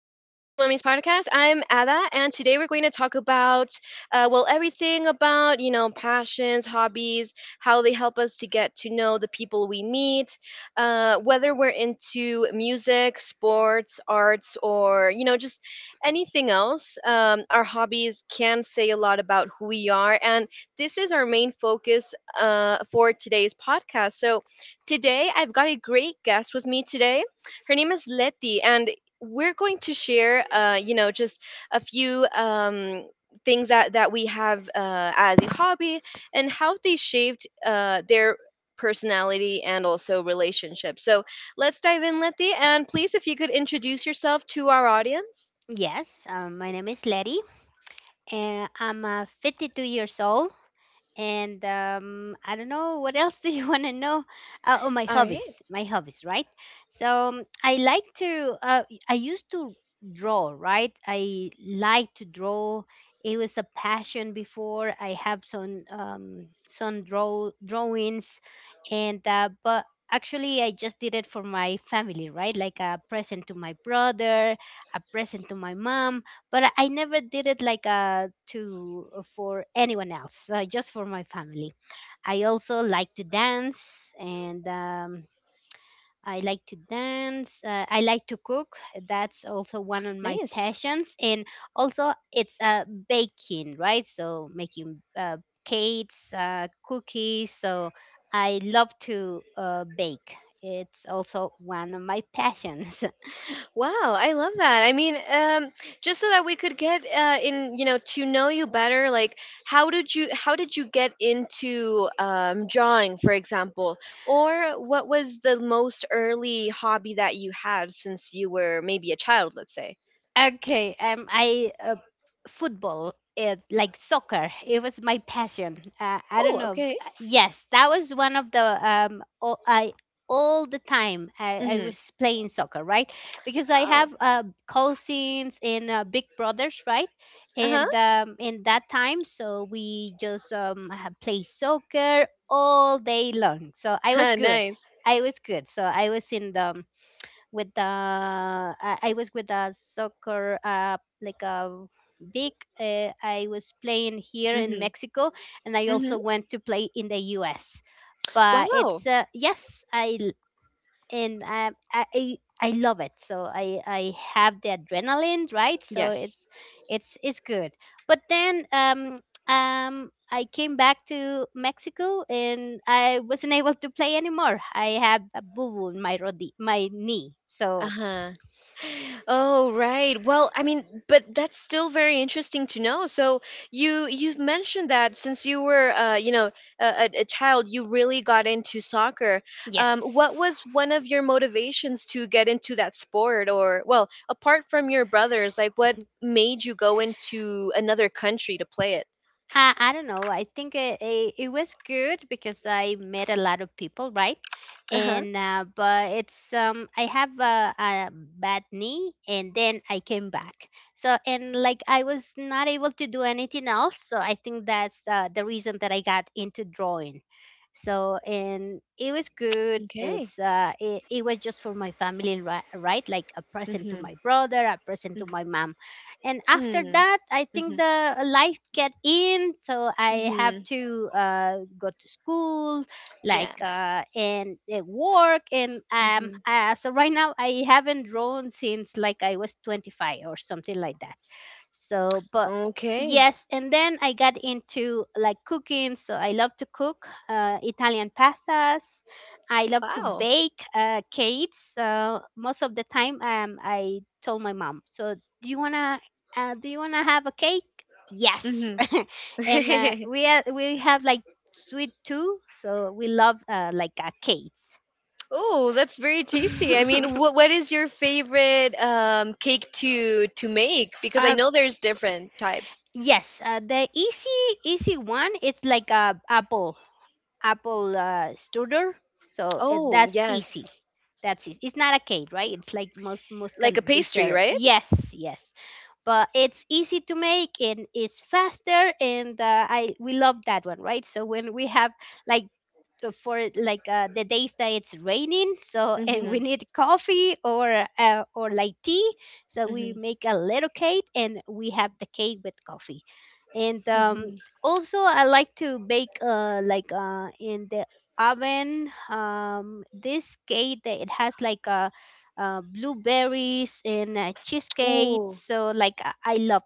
podcast. I'm Ada, and today we're going to talk about, everything about, passions, hobbies, how they help us to get to know the people we meet, whether we're into music, sports, arts, or, just anything else. Our hobbies can say a lot about who we are, and this is our main focus for today's podcast. Today, I've got a great guest with me today, her name is Letty, and we're going to share, just a few things that we have as a hobby, and how they shaped their personality and also relationships. So let's dive in, Letty, and please, if you could introduce yourself to our audience. Yes, my name is Letty, and I'm 52 years old. And I don't know, what else do you want to know? Oh, my All right. hobbies, right? So I like to. I used to draw, right? I like to draw. It was a passion before. I have some drawings, and but actually I just did it for my family, right? Like a present to my brother, a present to my mom, but I never did it like to for anyone else, just for my family. I also like to dance, I like to cook. That's also one of my Nice. passions, and also it's baking, right? So making cakes, cookies. So I love to bake. It's also one of my passions. Wow, I love that. I mean, just so that we could get to know you better. Like, how did you get into drawing, for example, or what was the most early hobby that you had since you were maybe a child, let's say? Okay, I Football, like soccer, it was my passion. I don't Oh, know. okay. Yes, that was one of the all, I all the time I Mm-hmm. was playing soccer, right? Because I Oh, have cousins in Big Brothers, right? uh And in that time, so we just play soccer all day long. So I was huh. good. Nice. I was good. So I was with a soccer like a big I was playing here in Mm-hmm. Mexico, and I Mm-hmm. also went to play in the US, but Wow. it's yes I l- and I love it, so I have the adrenaline, right? So Yes. it's it's good. But then I came back to Mexico and I wasn't able to play anymore. I have a boo boo in my my knee. So Uh-huh. Oh, right. Well, I mean, but that's still very interesting to know. So you you've mentioned that since you were a child, you really got into soccer. What yes. was one of your motivations to get into that sport, or, well, apart from your brothers, like what made you go into another country to play it? I don't know. I think it was good because I met a lot of people, right? Uh-huh. And but it's I have a bad knee, and then I came back. So, and like, I was not able to do anything else. So I think that's the reason that I got into drawing. So, and it was good. Okay. It's it was just for my family, right? Like a present to Mhm. my brother, a present to my mom. And after Mhm. that, I think Mhm. the life get in, so I have Mhm. to go to school, like Yes. And work, and Mhm. So right now I haven't drawn since like I was 25 or something like that. So, but Okay. yes, and then I got into like cooking. So I love to cook Italian pastas. I love to Wow. bake cakes. Most of the time, I told my mom, "So do you wanna have a cake?" Yes, Mhm. and we are, we have like sweet too, so we love, cakes. Oh, that's very tasty. I mean, what what is your favorite cake to make? Because I uh, know there's different types. yes, the easy one. It's like a apple strudel. So Oh, that's yes, easy. That's easy. It's not a cake, right? It's like most kind like a of pastry, dessert. right? Yes, yes, but it's easy to make and it's faster. And I we love that one, right? So when we have like, for like the days that it's raining, so, and we Mm-hmm. need coffee or, like tea, so we Mm-hmm. make a little cake and we have the cake with coffee. And Mm-hmm. Also I like to bake, in the oven, this cake that it has like a blueberries and cheesecake. Ooh, So like I love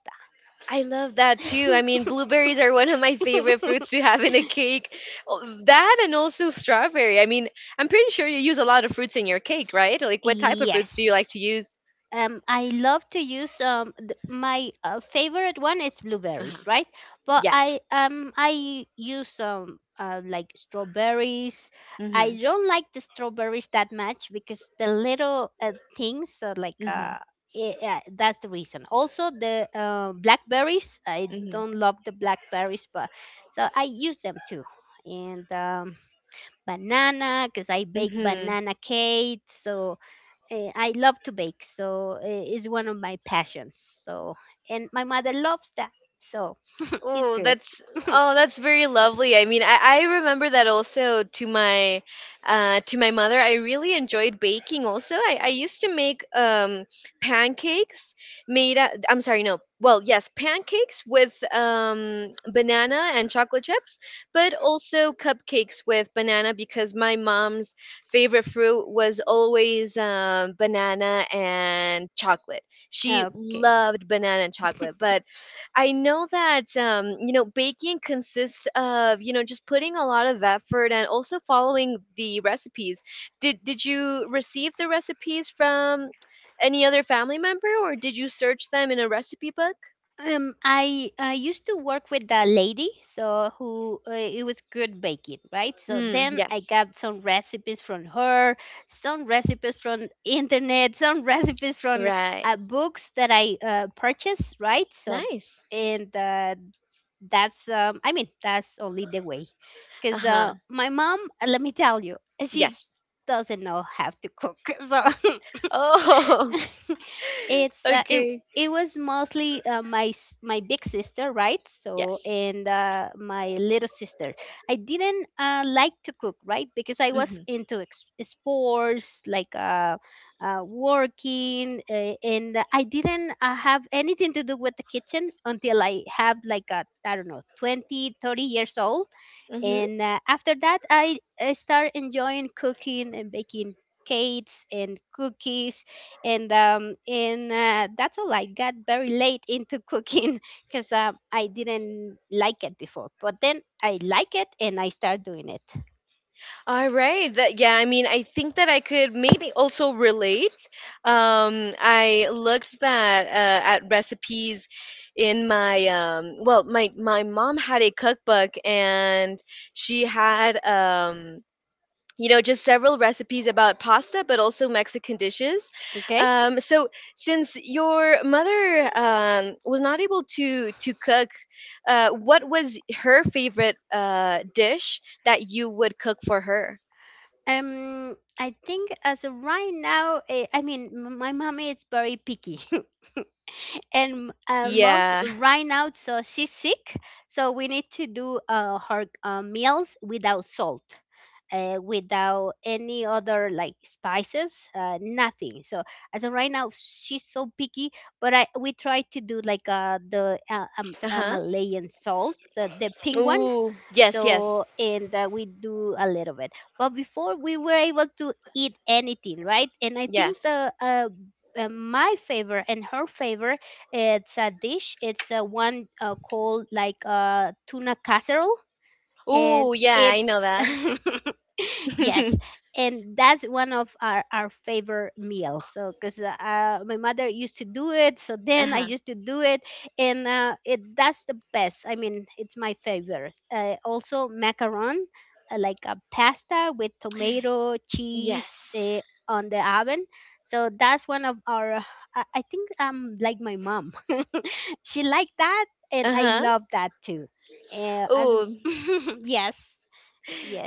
I love that too. I mean, that. blueberries are one of my favorite fruits to have in a cake. Oh, that and also strawberry. I mean, I'm pretty sure you use a lot of fruits in your cake, right? Like, what type of fruits do you yes. like to use? I love to use my favorite one is blueberries, Uh-huh. right? But Yeah. I use like strawberries. I Mm-hmm. don't like the strawberries that much because the little things are like yeah, that's the reason. Also the blackberries. I Mm-hmm. don't love the blackberries, but so I use them too. And banana, because I bake Mm-hmm. banana cake. So, I love to bake, so it is one of my passions. So, and my mother loves that, so it's Oh, good. that's oh, that's very lovely. I mean, I remember that also to my mother. I really enjoyed baking. Also, I used to make pancakes. I'm sorry, no. Well, yes, pancakes with banana and chocolate chips, but also cupcakes with banana, because my mom's favorite fruit was always banana and chocolate. She Okay. loved banana and chocolate. But I know that, you know, baking consists of, you know, just putting a lot of effort and also following the recipes. Did you receive the recipes from any other family member, or did you search them in a recipe book? I used to work with a lady, so, who it was good baking, right? So Mm, then I yes. got some recipes from her, some recipes from internet, some recipes from Right. Books that I purchased, right? So, Nice. and that's I mean, that's only the way, because Uh-huh. My mom, let me tell you, she Yes. doesn't know how to cook, so Oh. it's it Okay. it was mostly my my big sister, right? So, Yes. and my little sister. I didn't like to cook, right? Because I was Mhm. into sports, working, and I didn't have anything to do with the kitchen until I have like I don't know, 20, 30 years old. Mhm. And after that I start enjoying cooking and baking cakes and cookies. And That's all. I got very late into cooking because I didn't like it before, but then I like it and I start doing it. All right. That yeah, I mean, I think that I could maybe also relate. I looked that at recipes in my my my mom had a cookbook, and she had just several recipes about pasta, but also Mexican dishes. Okay. So since your mother was not able to cook, what was her favorite dish that you would cook for her? I think as of right now, I mean, my mommy is very picky and most Yeah. right now, so she's sick, so we need to do her meals without salt, without any other like spices, nothing. So as of right now, she's so picky. But I, we try to do like the Uh-huh. Malayan salt, the pink one. Ooh. Yes, yes. So, and we do a little bit. But before we were able to eat anything, right? And I think Yes. the my favorite and her favorite. It's a dish. It's one called like tuna casserole, and Ooh, yeah, I know it's that. yes. And that's one of our favorite meals. So, because my mother used to do it, so then I Uh-huh. used to do it. And it that's the best. I mean, it's my favorite. Also macaron, like a pasta with tomato cheese, Yes. On the oven. So that's one of our I think like my mom she liked that, and I Uh-huh. love that too. As Oh. yes.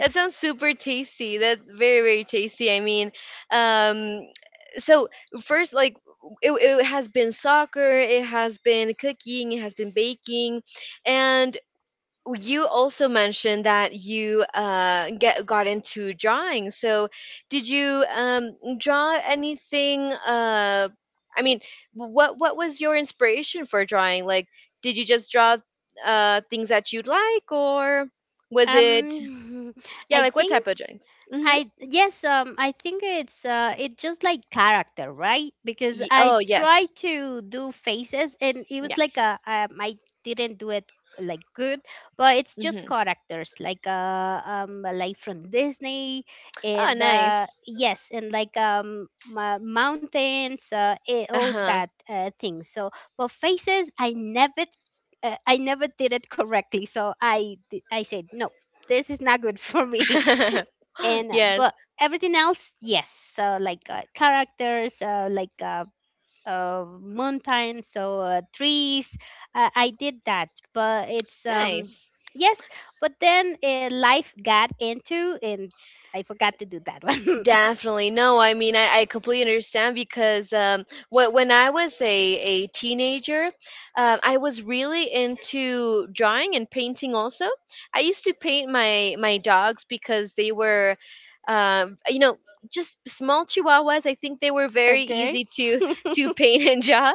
That sounds super tasty. That's very, very tasty. I mean, um so first, like, it has been soccer, it has been cooking, it has been baking, and well, you also mentioned that you get got into drawing. So, did you draw anything? I mean, what was your inspiration for drawing? Like, did you just draw things that you'd like, or was it, Um yeah, I like what think type of drawings? Mm-hmm. I yes, I think it's it just like character, right? Because Ye I oh tried yes, to do faces, and it was like yes. a I didn't do it like good, but it's just Mm-hmm. characters, like from Disney, Oh, and nice. yes, and like mountains, all Uh that things. So, but faces, I never did it correctly. So I said no. This is not good for me. huh. And Yes, but Everything else, yes. So like characters, mountain, so trees. I did that, but it's nice. yes, but then life got into and I forgot to do that one. Definitely. No, I mean, I completely understand because, when I was a teenager, I was really into drawing and painting also. I used to paint my my dogs, because they were, um, you know, just small chihuahuas. I think they were very Okay. easy to paint and draw.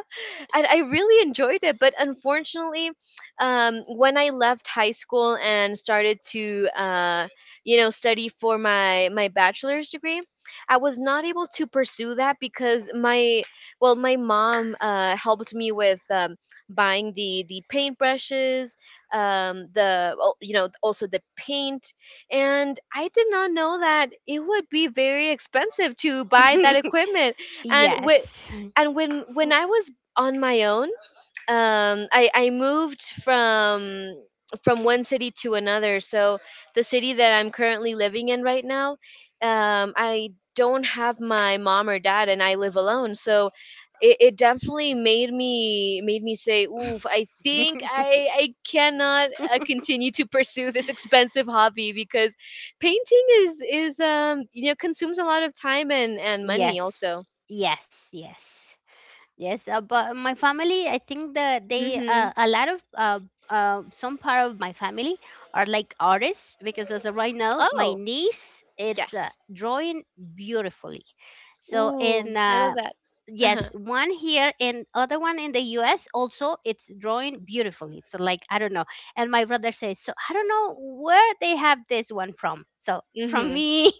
And I really enjoyed it. But unfortunately, when I left high school and started to, you know, study for my my bachelor's degree, I was not able to pursue that because, my well, my mom helped me with, buying the paintbrushes, you know, also the paint. And I did not know that it would be very expensive to buy that equipment. and with yes and when I was on my own, I moved from one city to another. So the city that I'm currently living in right now, I don't have my mom or dad, and I live alone. So it definitely made me say, oof, I think I cannot continue to pursue this expensive hobby, because painting is, you know, consumes a lot of time and money also. yes yes. Yes, but my family, I think that they, Mhm. a lot of some part of my family are like artists, because as of right now, my Oh niece it's yes. drawing beautifully. So, Ooh, and I love that. Uh-huh. yes, one here and other one in the U.S. also it's drawing beautifully. So like I don't know, and my brother says, so I don't know where they have this one from. So from Mhm. me,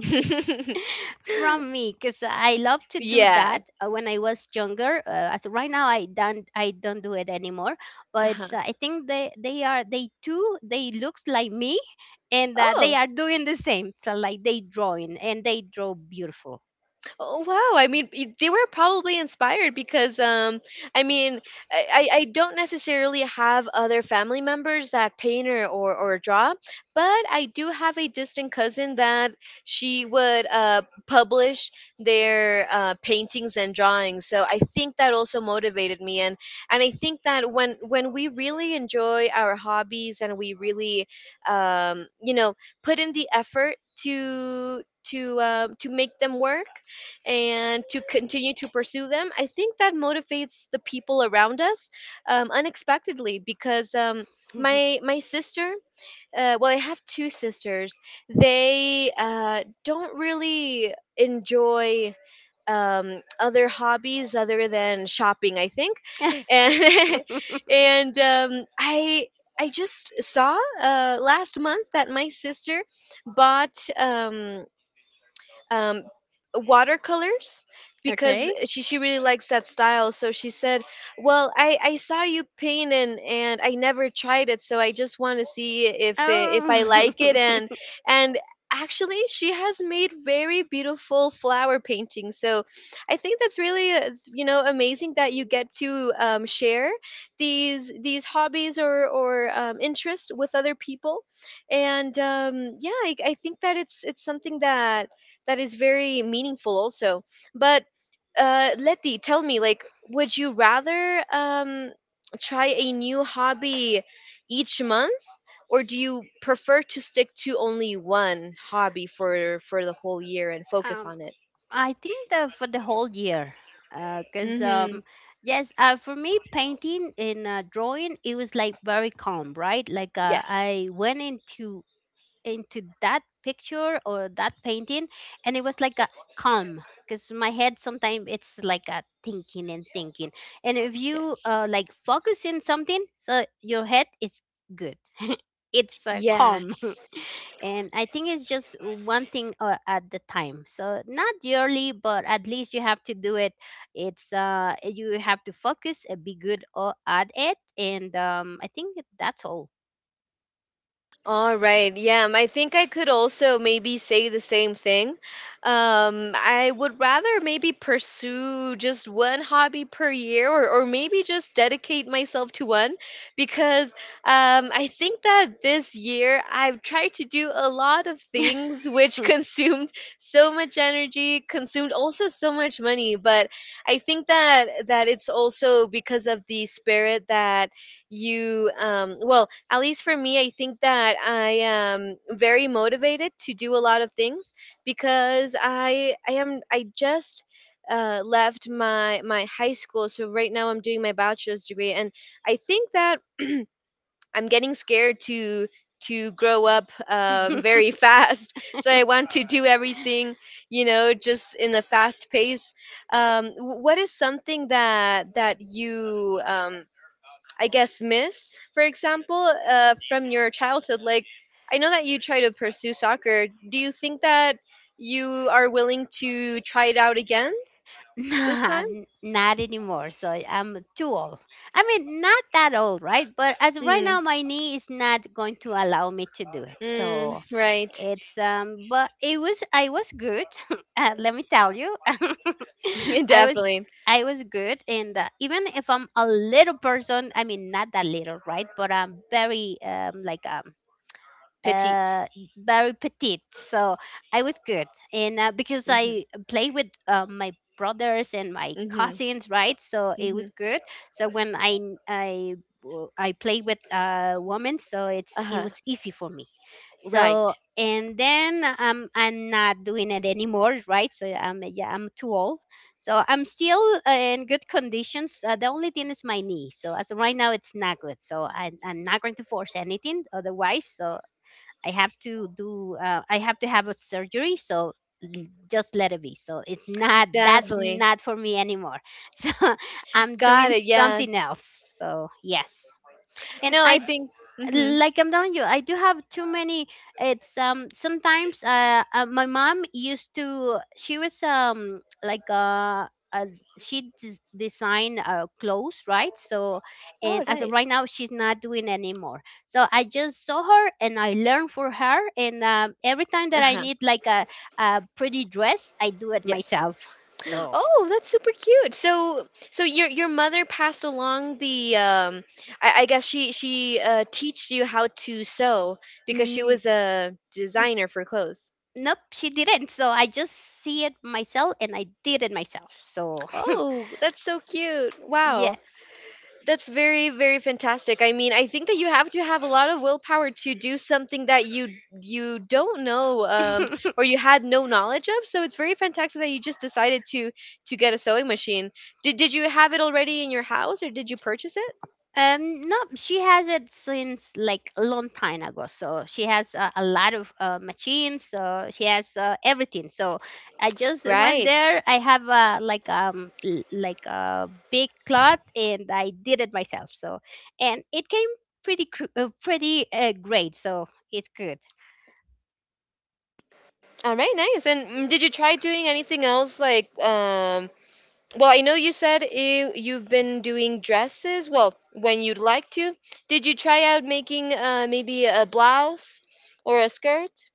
because I love to do Yeah. that when I was younger. As right now, I don't do it anymore. But Uh-huh. I think they too, they looks like me, and they Oh. are doing the same. So like they drawing and they draw beautiful. Oh wow! I mean, they were probably inspired because, I mean, I don't necessarily have other family members that paint, or draw, but I do have a distant cousin that she would publish their paintings and drawings. So I think that also motivated me. And I think that when we really enjoy our hobbies and we really, um, you know, put in the effort to to make them work and to continue to pursue them, I think that motivates the people around us, unexpectedly. Because, my my sister, well, I have two sisters. They, don't really enjoy other hobbies other than shopping, I think. And And, I just saw, last month, that my sister bought, um, watercolors, because okay. she really likes that style. So she said, well, I saw you paint, and I never tried it, so I just want to see if I Oh, like it. and and actually she has made very beautiful flower paintings. So I think that's really, you know, amazing that you get to, share these hobbies, or interest with other people. And, yeah, I think that it's something that that is very meaningful also. But, Letty, tell me, like, would you rather, try a new hobby each month, or do you prefer to stick to only one hobby for the whole year and focus um, on it? I think that for the whole year. Cause Mhm. Yes, for me, painting and drawing, it was like very calm, right? Like Yeah. I went into that picture or that painting, and it was like a calm, because my head sometimes it's like a thinking and thinking, and if you Yes, like focus in something, so your head is good it's calm. yes. And I think it's just one thing at the time, so not yearly, but at least you have to do it. It's you have to focus and be good or at it, and I think that's all. All right. Yeah, I think I could also maybe say the same thing. I would rather maybe pursue just one hobby per year, or maybe just dedicate myself to one, because, I think that this year I've tried to do a lot of things, which consumed so much energy, consumed also so much money. But I think that that it's also because of the spirit that you, at least for me, I think that I am very motivated to do a lot of things, because I just, left my my high school, so right now I'm doing my bachelor's degree. And I think that I'm getting scared to grow up, very fast. So I want to do everything, you know, just in a fast pace. What is something that that you, I guess, miss, for example, from your childhood? Like, I know that you try to pursue soccer. Do you think that you are willing to try it out again this Nah, time? Not anymore. So I'm too old. I mean, not that old, right? But as of right now, Mm, my knee is not going to allow me to do it. mm, So right. it's but it was, I was good. Let me tell you, I was Definitely. I was good, and even if I'm a little person, I mean, not that little, right? But I'm very Petite. uh very petite, so I was good. And Because Mm-hmm. I play with my brothers and my Mm-hmm. cousins, right? So it was Mm-hmm. good. So when I n- I w- I play with women, so it Uh-huh. was easy for me. Right. So and then I'm not doing it anymore, right? So I'm, yeah, I'm too old. So I'm still in good conditions. The only thing is my knee, so as of right now it's not good, so I'm not going to force anything otherwise. So I have to do I have to have a surgery, so just let it be. So it's not that, Definitely. not for me anymore. So I'm Got doing it. Yeah. something else. So yes. And No, I I, think. Mm-hmm. like I'm telling you, I do have too many. It's sometimes my mom used to, she was like uh she design clothes, right? So Oh, and as of nice. right now she's not doing anymore. So I just saw her and I learned for her, and every time Uh that I huh. need like a pretty dress, I do it Yes. myself. So. Oh, that's super cute. So so your mother passed along the, I guess she teached you how to sew because she Mm, was a n- designer for clothes. nope, she didn't. So I just see it myself and I did it myself. So Oh, that's so cute. Wow. yes. That's very, very fantastic. I mean, I think that you have to have a lot of willpower to do something that you don't know, or you had no knowledge of. So it's very fantastic that you just decided to get a sewing machine. Did you have it already in your house, or did you purchase it? No, she has it since like a long time ago, so she has a lot of machines, so she has everything. So I just went Right. there, I have a, like like a big cloth, and I did it myself. So and it came pretty great, so it's good. All right, nice. And, mm, did you try doing anything else, like, well, I know you said you you've been doing dresses, well, when you'd like to. Did you try out making maybe a blouse or a skirt?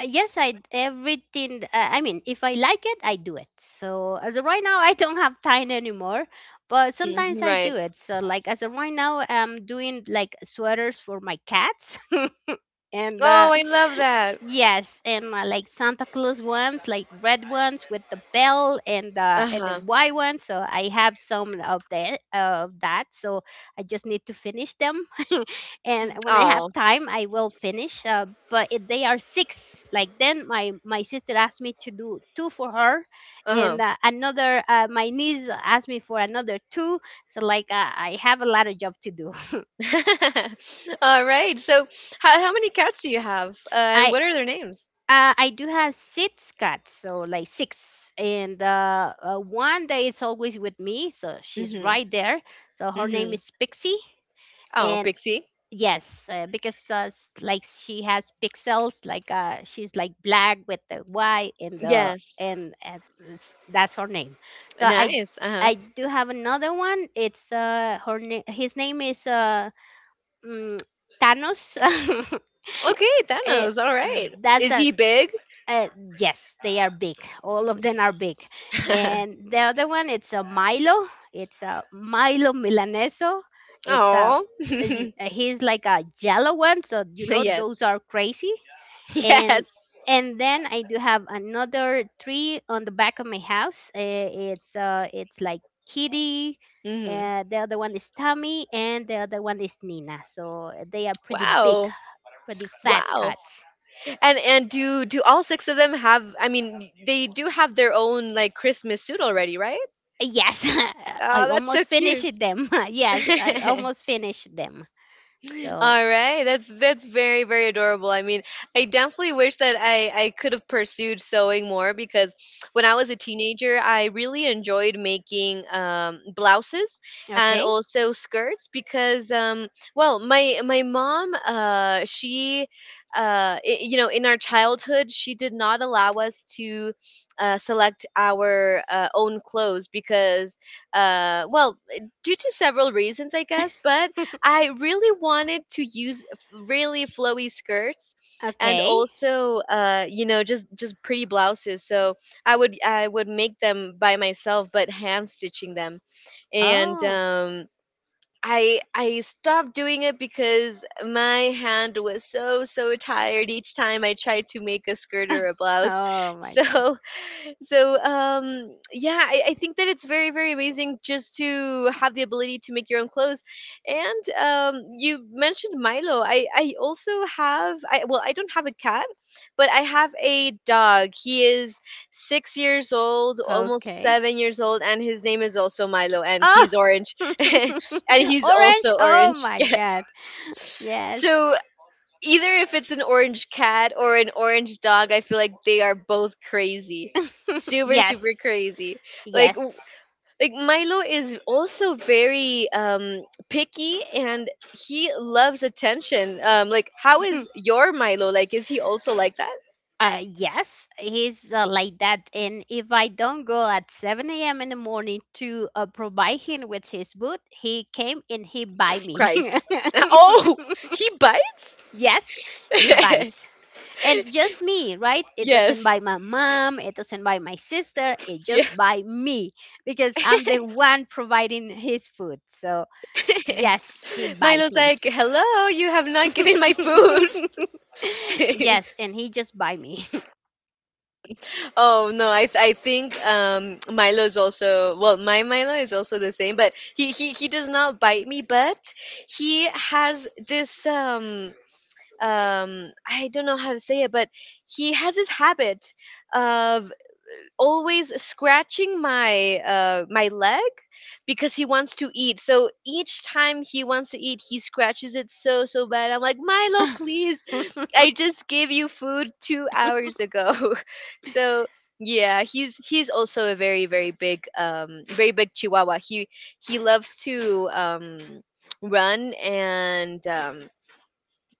Yes, I everything. I mean, if I like it, I do it. So as of right now, I don't have time anymore, but sometimes Mhm, I right. do it. So like as of right now, I'm doing like sweaters for my cats. and Oh, I love that. Yes, and like Santa Claus ones, like red ones with the bell and the Uh-huh. white ones. So I have some of that, of that. So I just need to finish them, and when I have Oh. time, I will finish. But it, they are six. Like then, my sister asked me to do two for her, and Uh-huh. Another my niece asked me for another two. So like I have a lot of job to do. All right. So, how many cats do you have? And I, what are their names? uh, I do have six cats, so like six, and one that is always with me, so she's Mhm. right there. So her name Mhm. is Pixie, Oh, and Pixie. yes, because like she has pixels, like she's like black with the white and the Yes. and that's her name. So I Nice. Uh-huh. I do have another one. It's her name. His name is mm, Thanos. Okay, Eh, Thanos. All right. that's Is a, he big? Yes, they are big. All of them are big. And the other one, it's a Milo. It's a Milo Milaneso. It's a Oh, yes, he's like a yellow one, so you know those are crazy. And yes. and then I do have another tree on the back of my house. It's like Kitty. Hmm. The other one is Tommy, and the other one is Nina. So they are pretty big, Wow, pretty fat wow. cats. And do all six of them have? I mean, they do have their own like Christmas suit already, right? Yes, I Oh, that's so almost cute. finished them. Yes, I almost finished them. So, All right, that's very very adorable. I mean, I definitely wish that I could have pursued sewing more because when I was a teenager, I really enjoyed making blouses and okay. also skirts because well my mom she you know, in our childhood she did not allow us to select our own clothes because well, due to several reasons I guess, but I really wanted to use really flowy skirts and Okay. also just pretty blouses. So I would make them by myself, but hand stitching them, and Oh. I stopped doing it because my hand was so so tired each time I tried to make a skirt or a blouse. Oh my god. so so, yeah, I think that it's very very amazing just to have the ability to make your own clothes. And you mentioned Milo. I also have, I well, I don't have a cat, but I have a dog. He is 6 years old, almost Okay. 7 years old, and his name is also Milo, and Oh. he's orange. And he's Orange. also Oh orange. my Yes. god. Yes. So, either if it's an orange cat or an orange dog, I feel like they are both crazy. Super, super Yes. crazy. Like w- Yes. like Milo is also very picky, and he loves attention. Like, how is your Milo? Like, is he also like that? Yes, he's like that. And if I don't go at 7 a.m. in the morning to provide him with his food, he came and he buy me. Christ. Oh, he bites? Yes, he bites. And just me, right? It doesn't Yes. bite my mom, it doesn't bite my sister, it Yeah. just bite me because I'm the one providing his food. So, yes, he bites Milo's me. like, "Hello, you have not given my food." Yes, and he just bite me. Oh no, I think Milo is also, well, my Milo is also the same, but he does not bite me. But he has this I don't know how to say it, but he has this habit of always scratching my leg because he wants to eat. So each time he wants to eat, he scratches it so so bad. I'm like, "Milo, please. I just gave you food 2 hours ago." So, yeah, he's also a very very big, very big Chihuahua. He loves to run, and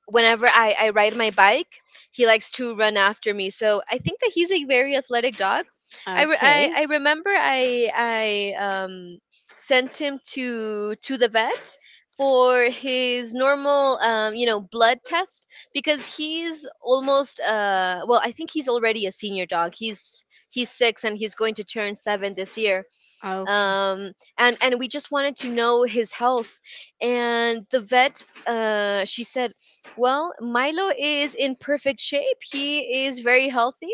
whenever I ride my bike, he likes to run after me. So I think that he's a very athletic dog. I, re- I, Okay. I remember I sent him to the vet for his normal blood test because he's almost, well, I think he's already a senior dog. He's six and he's going to turn seven this year, Okay. and we just wanted to know his health. And the vet, she said, "Well, Milo is in perfect shape. He is very healthy."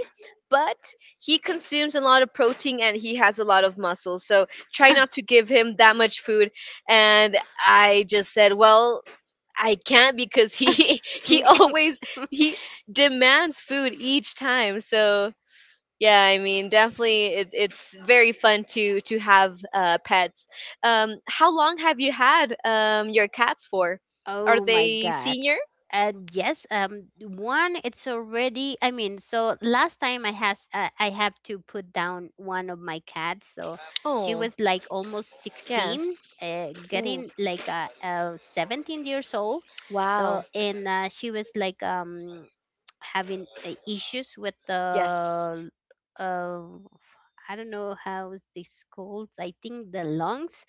But he consumes a lot of protein and he has a lot of muscle. So try not to give him that much food. And I just said, well, I can't because he he always he demands food each time. So, yeah, I mean, definitely, it's very fun to have pets. How long have you had your cats for? Are Oh my they God. senior? And yes, one it's already. I mean, so last time I has I have to put down one of my cats. So she Oh, was like almost 16, yes. uh, Ooh, getting like uh, uh 17 years old. So wow. and she was like having issues with Yes. the uh, I don't know how is this called. I think the lungs,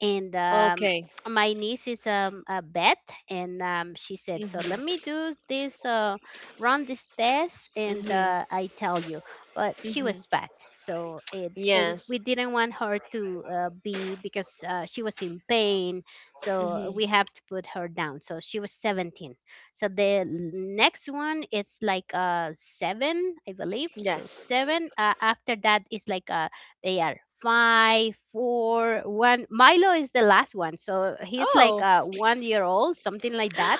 and Okay. my niece is a vet, and she said, so let me Mhm. do this run this test and Mhm. I tell you, but she Mhm. was fat, so it, and Yes. we didn't want her to be because she was in pain, so Mhm. we have to put her down. So she was 17. So the next one it's like seven, I believe. So Yes. seven, after that is like they are five, four, one. Milo is the last one, so he's like Oh. a 1 year old, something like that.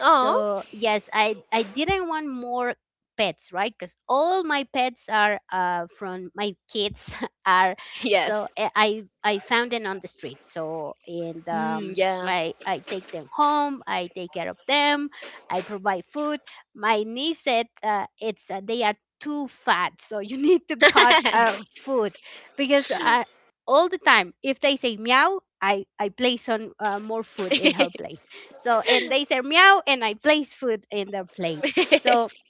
Oh. So yes, I didn't want more pets, right? Because all my pets are from my kids are, so Yes. I I found them on the street. So and Mm, yeah. I take them home. I take care of them. I provide food. My niece said it's they are too fat, so you need to cut food, because I, all the time if they say meow, I place on more food in her plate. So and they say meow and I place food in their plate. So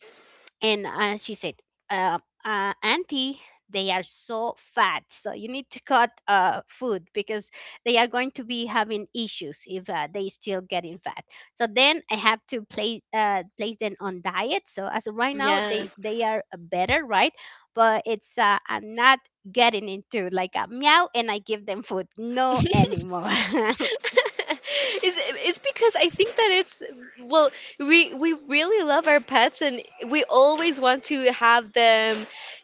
and she said uh, auntie, they are so fat so you need to cut food, because they are going to be having issues if they still getting fat. So then I have to place them on diet. So as of right now Yeah. they are better, right? But it's I'm not getting into like a meow and I give them food, no anymore. It's because I think that it's, well, we really love our pets, and we always want to have them,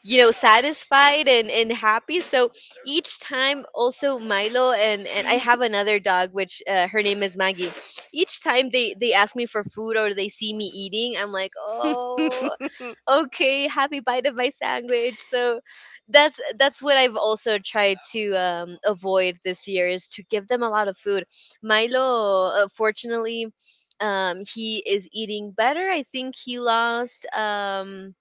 satisfied and happy. So, each time also Milo, and I have another dog, which, her name is Maggie, each time they ask me for food or they see me eating, I'm like, oh, okay, happy bite of my sandwich. So that's what I've also tried to avoid this year, is to give them a lot of food. Milo, fortunately, he is eating better. I think he lost, um,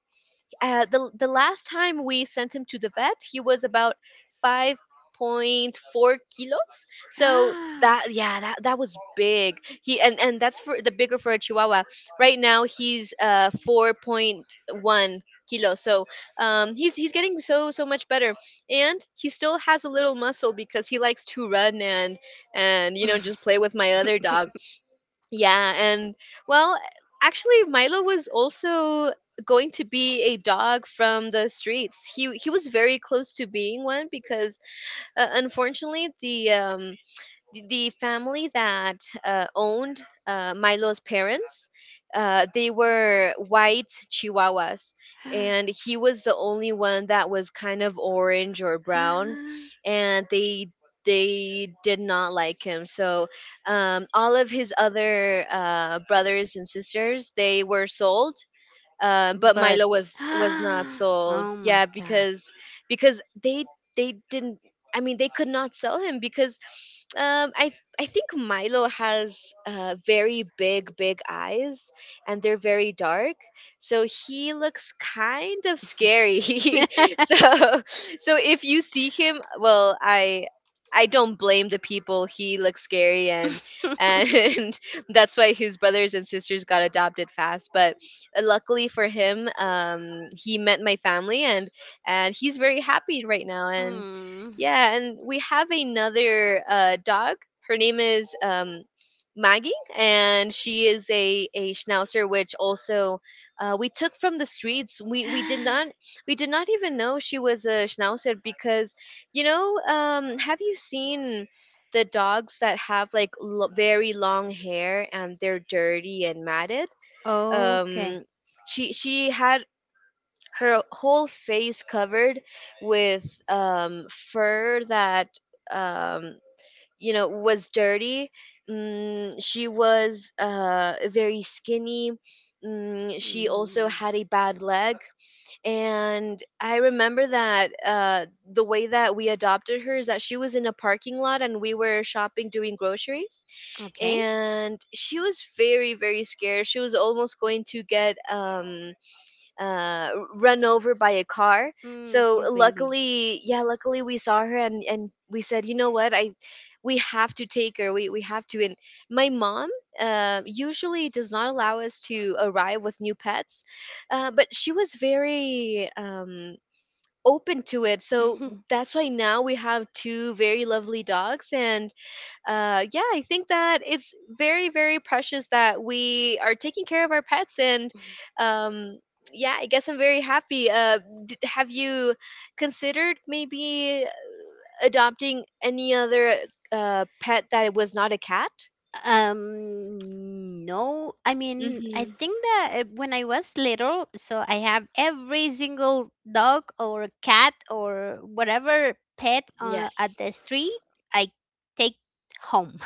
uh, the the last time we sent him to the vet, he was about 5.4 kilos. So that, yeah, that that was big. He and that's for the bigger for a Chihuahua. Right now he's 4.1 kilos. So he's getting so so much better, and he still has a little muscle because he likes to run and just play with my other dog. Yeah. And, well, actually, Milo was also going to be a dog from the streets. He was very close to being one because unfortunately the family that owned Milo's parents, they were white Chihuahuas, and he was the only one that was kind of orange or brown, and they did not like him. So all of his other brothers and sisters, they were sold, but But Milo was not oh sold. my Yeah, god. because they didn't. I mean, they could not sell him because um, I I think Milo has very big big eyes, and they're very dark, so he looks kind of scary. So, if you see him, well. I don't blame the people. He looks scary. and and that's why his brothers and sisters got adopted fast. But luckily for him, he met my family, and he's very happy right now. And, Mm. yeah, and we have another dog. Her name is, Maggie, and she is a schnauzer, which also, we took from the streets. We we did not we did not even know she was a schnauzer because, have you seen the dogs that have like very long hair and they're dirty and matted? Okay. um she had her whole face covered with fur that um was dirty. She was very skinny. She also Mm. had a bad leg. And I remember that, the way that we adopted her is that she was in a parking lot and we were shopping, doing groceries, Okay. and she was very very scared. She was almost going to get run over by a car. Mm, So, poor baby. luckily, yeah, luckily we saw her, and we said, you know what, I we have to take her. We have to. And my mom, usually does not allow us to arrive with new pets, but she was very open to it. So that's why now we have two very lovely dogs, and yeah, I think that it's very, very precious that we are taking care of our pets. And um, yeah, I guess I'm very happy. Have you considered maybe adopting any other pet that was not a cat? No, I mean, I Mm-hmm. think that when I was little, so I have every single dog or cat or whatever pet at Yes. the street, I take home.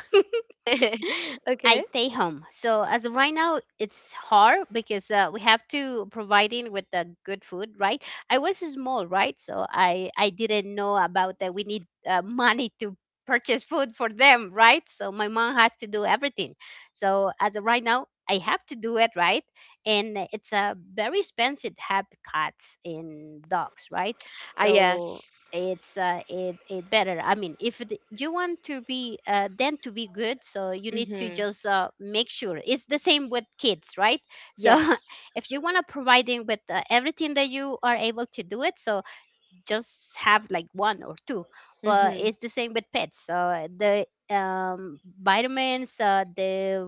I Okay. stay home. So as of right now, it's hard because we have to providing with the good food, right? I was small, right? So I didn't know about that. We need money to purchase food for them, right? So my mom has to do everything. So as of right now, I have to do it, right? And it's a very expensive to have cats and dogs, right? Ah, So yes. it's it better. I mean if it, you want to be then to be good, so you need to Mm-hmm. just make sure it's the same with kids, right? So Yes. if you want to provide them with everything that you are able to do it. So just have like one or two, but Mm-hmm. it's the same with pets. The Vitamins, the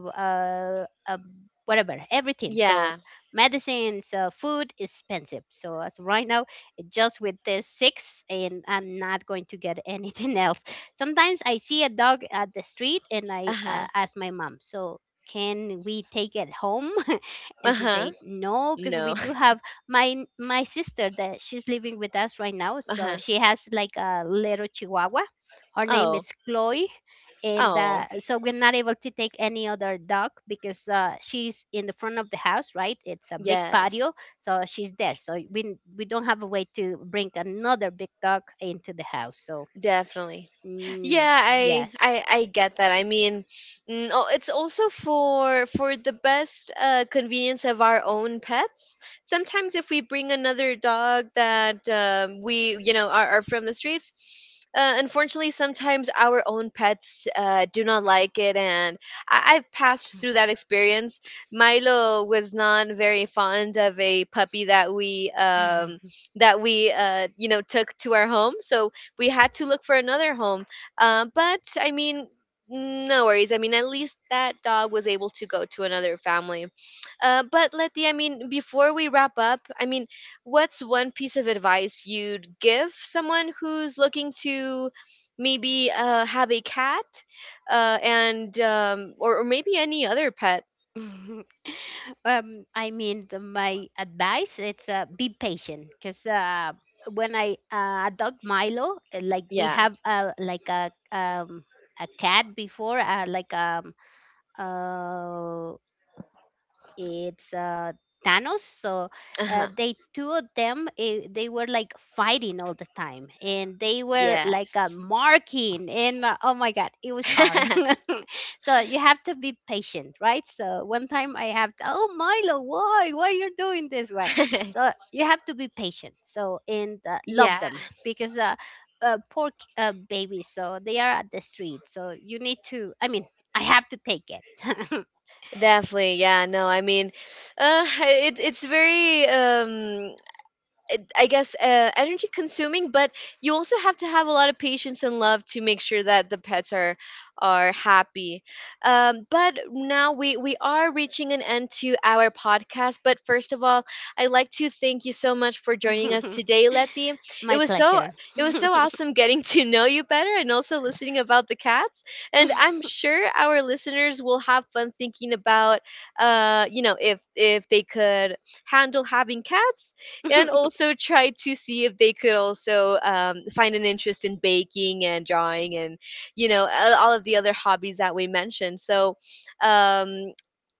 uh, uh, whatever, everything. So Yeah. medicines, food is expensive. So as of right now it just with this six and I'm not going to get anything else. Sometimes I see a dog at the street and I Uh-huh. ask my mom, so can we take it home? And she Uh-huh. say no because we No. do have my sister, that she's living with us right now, so Uh-huh. she has like a little chihuahua. Her name Oh. is Chloe, and Oh. so we're not able to take any other dog because she's in the front of the house, right? It's a big Yes. patio, so she's there, so we don't have a way to bring another big dog into the house. So Definitely. mm, Yeah, I yes. I I get that. I mean, oh, it's also for the best convenience of our own pets. Sometimes if we bring another dog that, we, are from the streets, unfortunately sometimes our own pets do not like it, and I've passed through that experience. Milo was not very fond of a puppy that we um, that we uh, you know took to our home, so we had to look for another home. But I mean, no worries. I mean, at least that dog was able to go to another family. But, Letty, I mean, before we wrap up, I mean, what's one piece of advice you'd give someone who's looking to maybe have a cat, and or maybe any other pet? Um, I mean, my advice, it's be patient, because when I adopt Milo, like we Yeah. have a cat before, like uh, it's Thanos. So Uh huh. they two of them, they were like fighting all the time, and they were like Yes. marking, and oh my god, it was hard. So you have to be patient, right? So one time I have to, oh Milo, why you're doing this one? So you have to be patient. So and love Yeah. them because. Poor babies, so they are at the street. So you need to. I mean, I have to take it. Definitely, yeah. No, I mean, it's very I guess energy consuming, but you also have to have a lot of patience and love to make sure that the pets are happy. But now we are reaching an end to our podcast. But first of all, I'd like to thank you so much for joining us today, Letty. It My was so pleasure. it was so awesome getting to know you better, and also listening about the cats. And I'm sure our listeners will have fun thinking about, if they could handle having cats, and also try to see if they could also find an interest in baking and drawing and all of the other hobbies that we mentioned. So um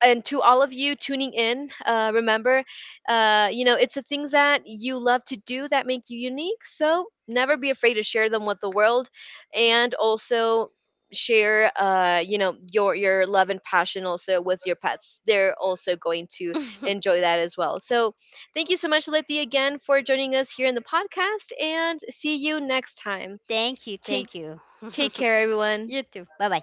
and to all of you tuning in, remember, it's the things that you love to do that make you unique, so never be afraid to share them with the world. And also share, your love and passion also with your pets. They're also going to enjoy that as well. So thank you so much, Letty, again for joining us here in the podcast, and see you next time. Thank you. Take Thank you. take care, everyone. You too. Bye bye.